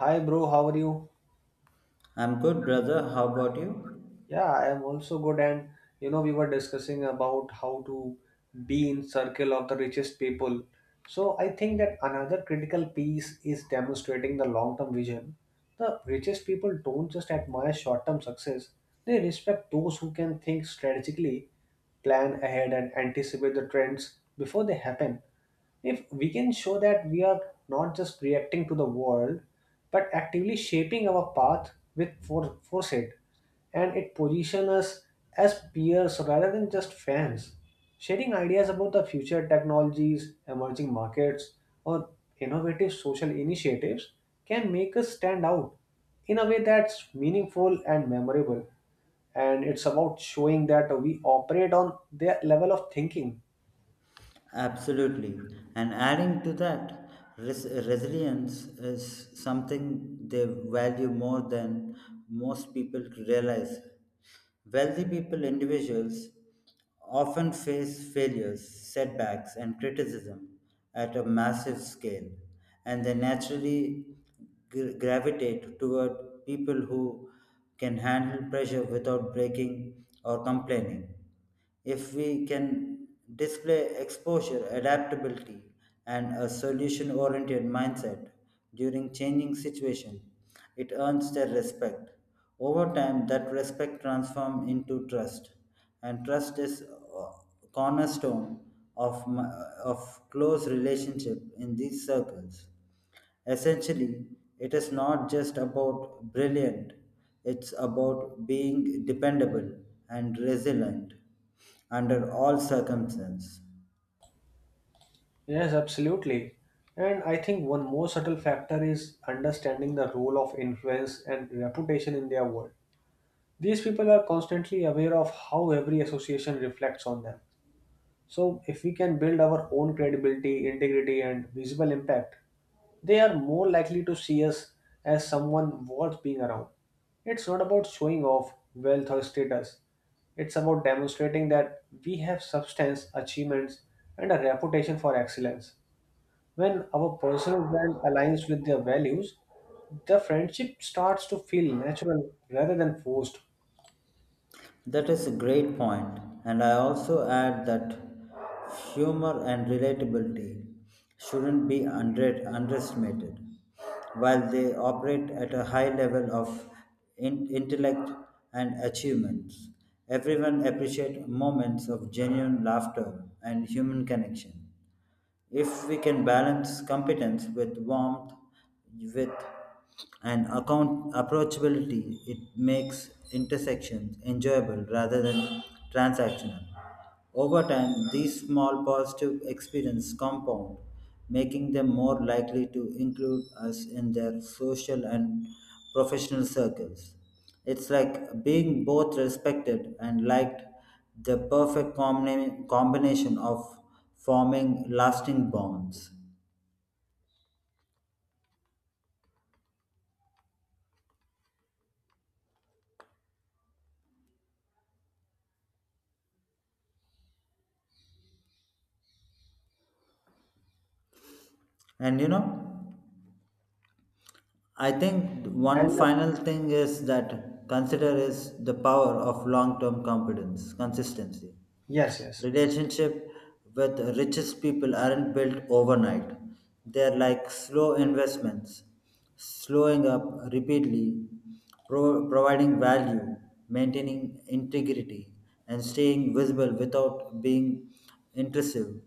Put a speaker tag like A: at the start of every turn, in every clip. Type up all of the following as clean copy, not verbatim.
A: Hi, bro. How are you?
B: I'm good, brother. How about you?
A: Yeah, I am also good. And you know, we were discussing about how to be in circle of the richest people. So I think that another critical piece is demonstrating the long-term vision. The richest people don't just admire short-term success; they respect those who can think strategically, plan ahead, and anticipate the trends before they happen. If we can show that we are not just reacting to the world, but actively shaping our path with foresight, and it position us as peers rather than just fans, sharing ideas about the future technologies, emerging markets, or innovative social initiatives can make us stand out in a way that's meaningful and memorable, and it's about showing that we operate on their level of thinking.
B: Absolutely. And adding to that, resilience is something they value more than most people realize. Wealthy people, individuals, often face failures, setbacks, and criticism at a massive scale, and they naturally gravitate toward people who can handle pressure without breaking or complaining. If we can display exposure, adaptability, and a solution oriented mindset during changing situations, it earns their respect. Over time, that respect transforms into trust, and trust is a cornerstone of, my, of close relationship in these circles. Essentially, it is not just about brilliant, it's about being dependable and resilient under all circumstances.
A: Yes, absolutely. And I think one more subtle factor is understanding the role of influence and reputation in their world. These people are constantly aware of how every association reflects on them. So, if we can build our own credibility, integrity, and visible impact, they are more likely to see us as someone worth being around. It's not about showing off wealth or status, it's about demonstrating that we have substance, achievements, and a reputation for excellence. When our personal brand aligns with their values, the friendship starts to feel natural rather than forced.
B: That is a great point, and I also add that humor and relatability shouldn't be underestimated. While they operate at a high level of intellect and achievements, everyone appreciates moments of genuine laughter and human connection. If we can balance competence with warmth, with an account approachability, it makes intersections enjoyable rather than transactional. Over time, these small positive experiences compound, making them more likely to include us in their social and professional circles. It's like being both respected and liked the perfect combination of forming lasting bonds. And you know, I think one
A: And
B: final thing is that consider is the power of long-term competence, consistency.
A: Yes, yes,
B: Relationship with richest people aren't built overnight. They're like slow investments, slowing up repeatedly, providing value, maintaining integrity, and staying visible without being intrusive.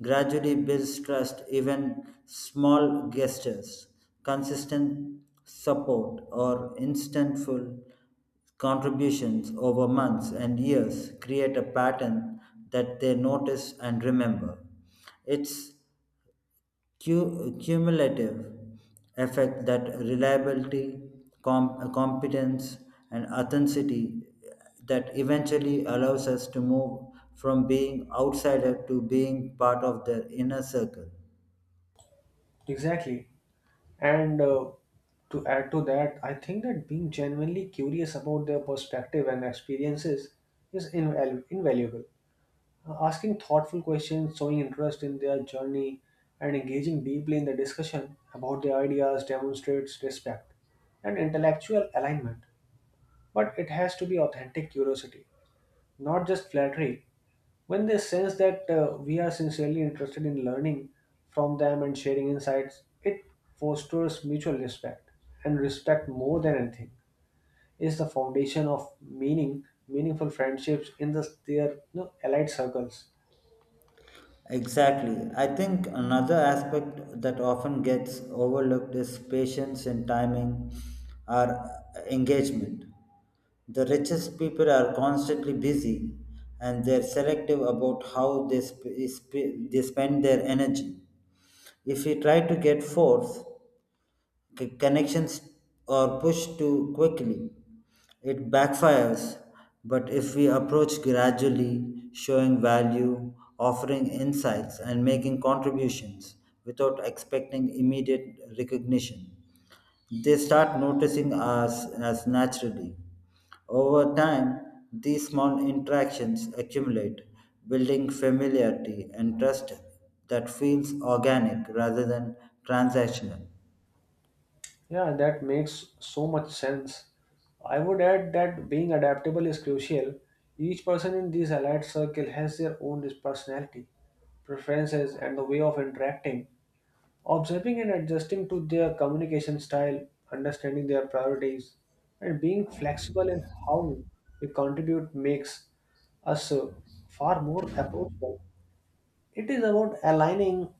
B: Gradually builds trust, even small gestures, consistent support, or instantful contributions over months and years create a pattern that they notice and remember. It's cumulative effect that reliability, competence, and authenticity that eventually allows us to move from being outsider to being part of their inner circle.
A: exactly. And to add to that, I think that being genuinely curious about their perspective and experiences is invaluable. Asking thoughtful questions, showing interest in their journey, and engaging deeply in the discussion about their ideas demonstrates respect and intellectual alignment. But it has to be authentic curiosity, not just flattery. When they sense that we are sincerely interested in learning from them and sharing insights, it fosters mutual respect. And respect, more than anything, is the foundation of meaningful friendships in the, their you know, allied circles.
B: Exactly. I think another aspect that often gets overlooked is patience and timing or engagement. The richest people are constantly busy and they're selective about how they, they spend their energy. If we try to get force, connections or push too quickly, it backfires. But if we approach gradually, showing value, offering insights, and making contributions without expecting immediate recognition, they start noticing us as naturally. Over time, these small interactions accumulate, building familiarity and trust that feels organic rather than transactional.
A: Yeah, that makes so much sense. I would add that being adaptable is crucial. Each person in this allied circle has their own personality, preferences, and the way of interacting. Observing and adjusting to their communication style, understanding their priorities, and being flexible in how we contribute makes us far more approachable. It is about aligning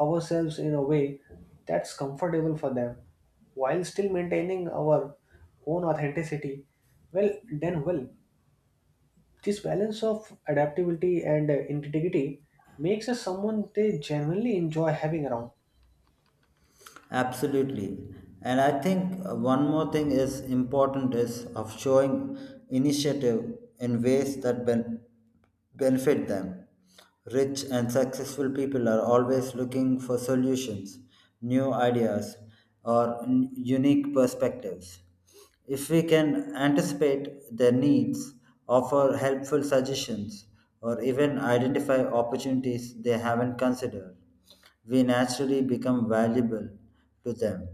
A: ourselves in a way that's comfortable for them while still maintaining our own authenticity. Well, then, well, this balance of adaptability and integrity makes us someone they genuinely enjoy having around.
B: Absolutely. And I think one more thing is important is of showing initiative in ways that benefit them. Rich and successful people are always looking for solutions, new ideas, or unique perspectives. If we can anticipate their needs, offer helpful suggestions, or even identify opportunities they haven't considered, we naturally become valuable to them.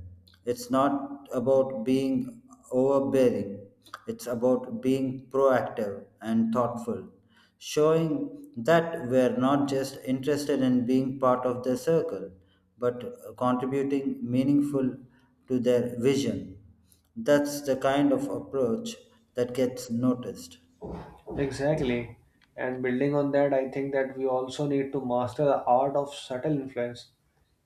B: It's not about being overbearing, it's about being proactive and thoughtful, showing that we're not just interested in being part of their circle, but contributing meaningful to their vision. That's the kind of approach that gets noticed.
A: Exactly. And building on that, I think that we also need to master the art of subtle influence.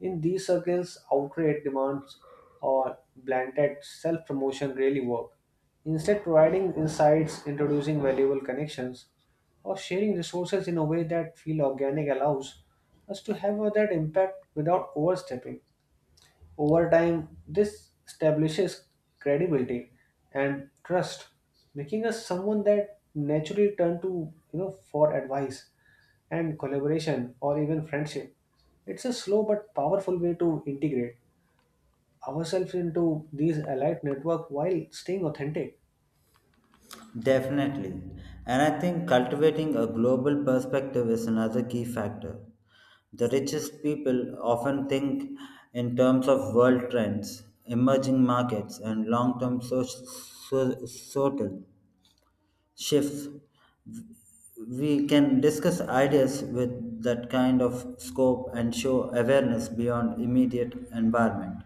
A: In these circles, outright demands or blanket self promotion really work. Instead, providing insights, introducing valuable connections, or sharing resources in a way that feel organic allows us to have that impact without overstepping. Over time, this establishes credibility and trust, making us someone that naturally turn to you know for advice and collaboration or even friendship. It's a slow but powerful way to integrate ourselves into these allied network while staying authentic.
B: Definitely. And I think cultivating a global perspective is another key factor. The richest people often think in terms of world trends, emerging markets, and long term social shifts. We can discuss ideas with that kind of scope and show awareness beyond immediate environment.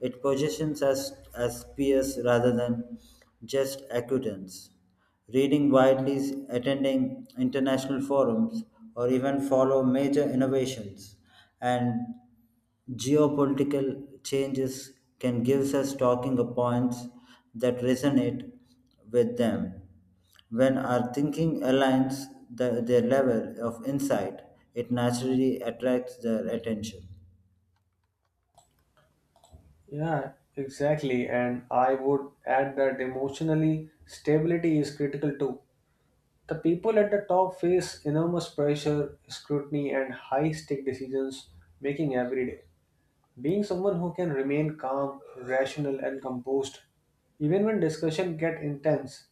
B: It positions us as peers rather than just acquaintance. Reading widely, attending international forums, or even follow major innovations and geopolitical changes can give us talking points that resonate with them. When our thinking aligns the, their level of insight, it naturally attracts their attention.
A: Yeah, exactly. And I would add that emotionally stability is critical too. The people at the top face enormous pressure, scrutiny, and high stake decisions making every day. Being someone who can remain calm, rational, and composed, even when discussion get intense,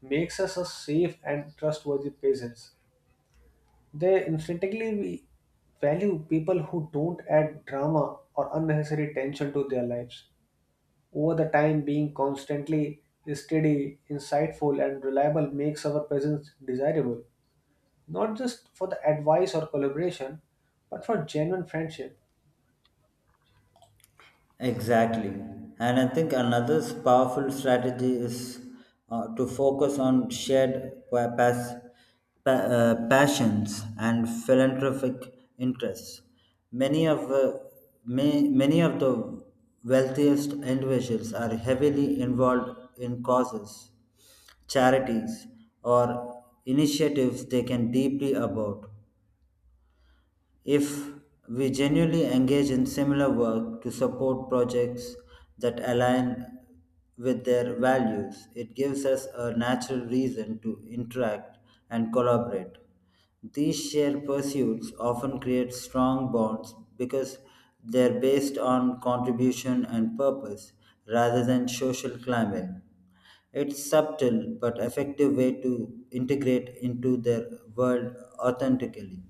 A: makes us a safe and trustworthy presence. They instinctively we value people who don't add drama or unnecessary tension to their lives. Over the time, being constantly steady, insightful, and reliable makes our presence desirable not just for the advice or collaboration, but for genuine friendship.
B: Exactly. And I think another powerful strategy is to focus on shared passions and philanthropic interests. Many of many of the wealthiest individuals are heavily involved in causes charities or initiatives they can deeply about if we genuinely engage in similar work to support projects that align with their values, it gives us a natural reason to interact and collaborate. These shared pursuits often create strong bonds because they're based on contribution and purpose rather than social climbing. It's subtle but effective way to integrate into their world authentically.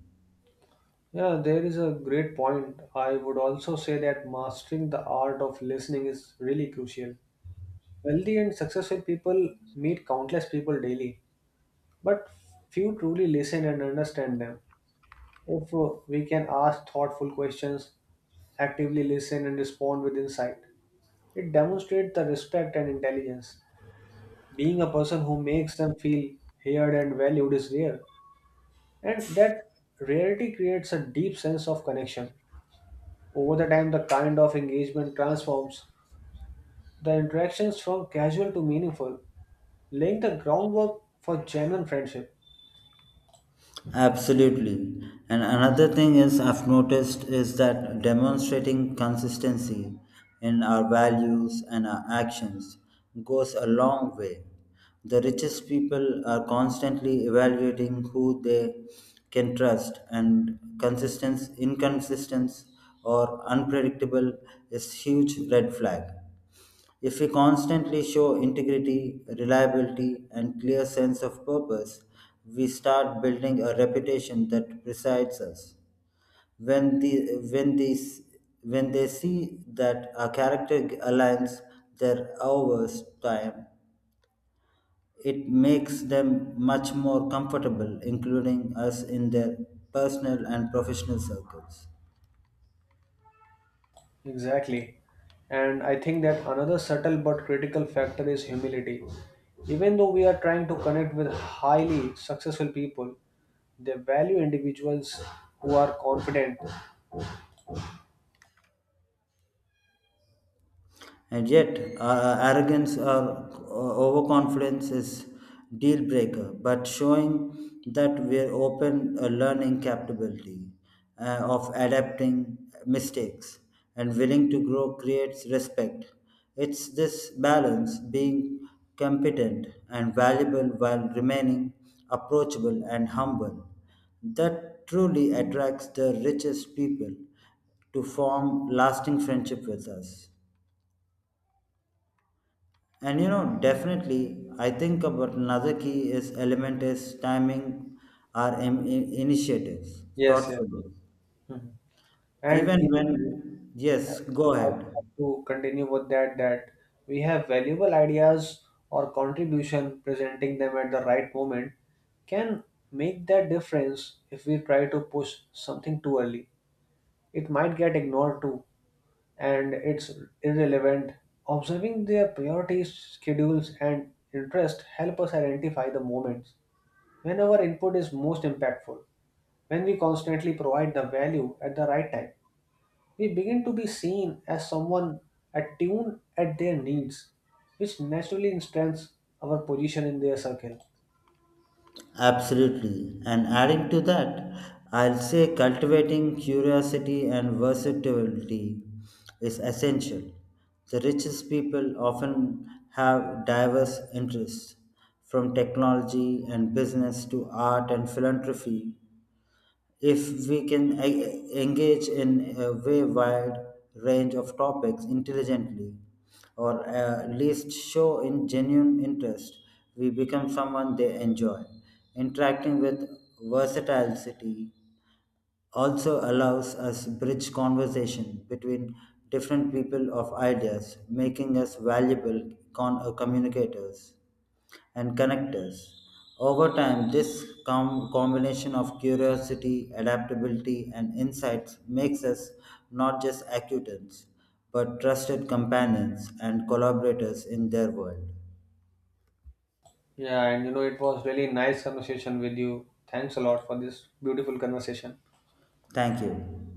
A: Yeah, there is a great point. I would also say that mastering the art of listening is really crucial. Wealthy and successful people meet countless people daily, but few truly listen and understand them. If we can ask thoughtful questions, actively listen, and respond with insight, it demonstrates the respect and intelligence. Being a person who makes them feel heard and valued is rare, and that rarity creates a deep sense of connection. Over the time, the kind of engagement transforms the interactions from casual to meaningful, laying the groundwork for genuine friendship.
B: Absolutely. And another thing is I've noticed is that demonstrating consistency in our values and our actions goes a long way. The richest people are constantly evaluating who they can trust and consistence inconsistence or unpredictable is huge red flag. If we constantly show integrity, reliability, and clear sense of purpose, we start building a reputation that precedes us. When the when these when they see that our character aligns their hours time, it makes them much more comfortable, including us in their personal and professional circles.
A: Exactly. And I think that another subtle but critical factor is humility. Even though we are trying to connect with highly successful people, they value individuals who are confident.
B: And yet, arrogance or overconfidence is deal breaker, but showing that we're open learning capability of adapting mistakes and willing to grow creates respect. It's this balance being competent and valuable while remaining approachable and humble that truly attracts the richest people to form lasting friendship with us. And you know definitely I think about another key is element is timing our initiatives
A: Yes, yeah.
B: thoughtfully
A: Mhm. And
B: even
A: even,
B: when yes go
A: I
B: ahead.
A: would like to continue with that we have valuable ideas or contribution, presenting them at the right moment can make that difference. If we try to push something too early, it might get ignored too, and it's irrelevant. Observing their priorities, schedules, and interest help us identify the moments when our input is most impactful. When we constantly provide the value at the right time, we begin to be seen as someone attuned at their needs, which naturally strengthens our position in their circle.
B: Absolutely. And adding to that, I'll say cultivating curiosity and versatility is essential. The richest people often have diverse interests from technology and business to art and philanthropy. If we can engage in a way wide range of topics intelligently, or at least show in genuine interest, we become someone they enjoy. Interacting with versatility also allows us bridge conversation between different people of ideas, making us valuable communicators and connectors. Over time, this combination of curiosity, adaptability, and insights makes us not just acquaintance, but trusted companions and collaborators in their world.
A: Yeah, and you know, it was really nice conversation with you. Thanks a lot for this beautiful conversation.
B: Thank you.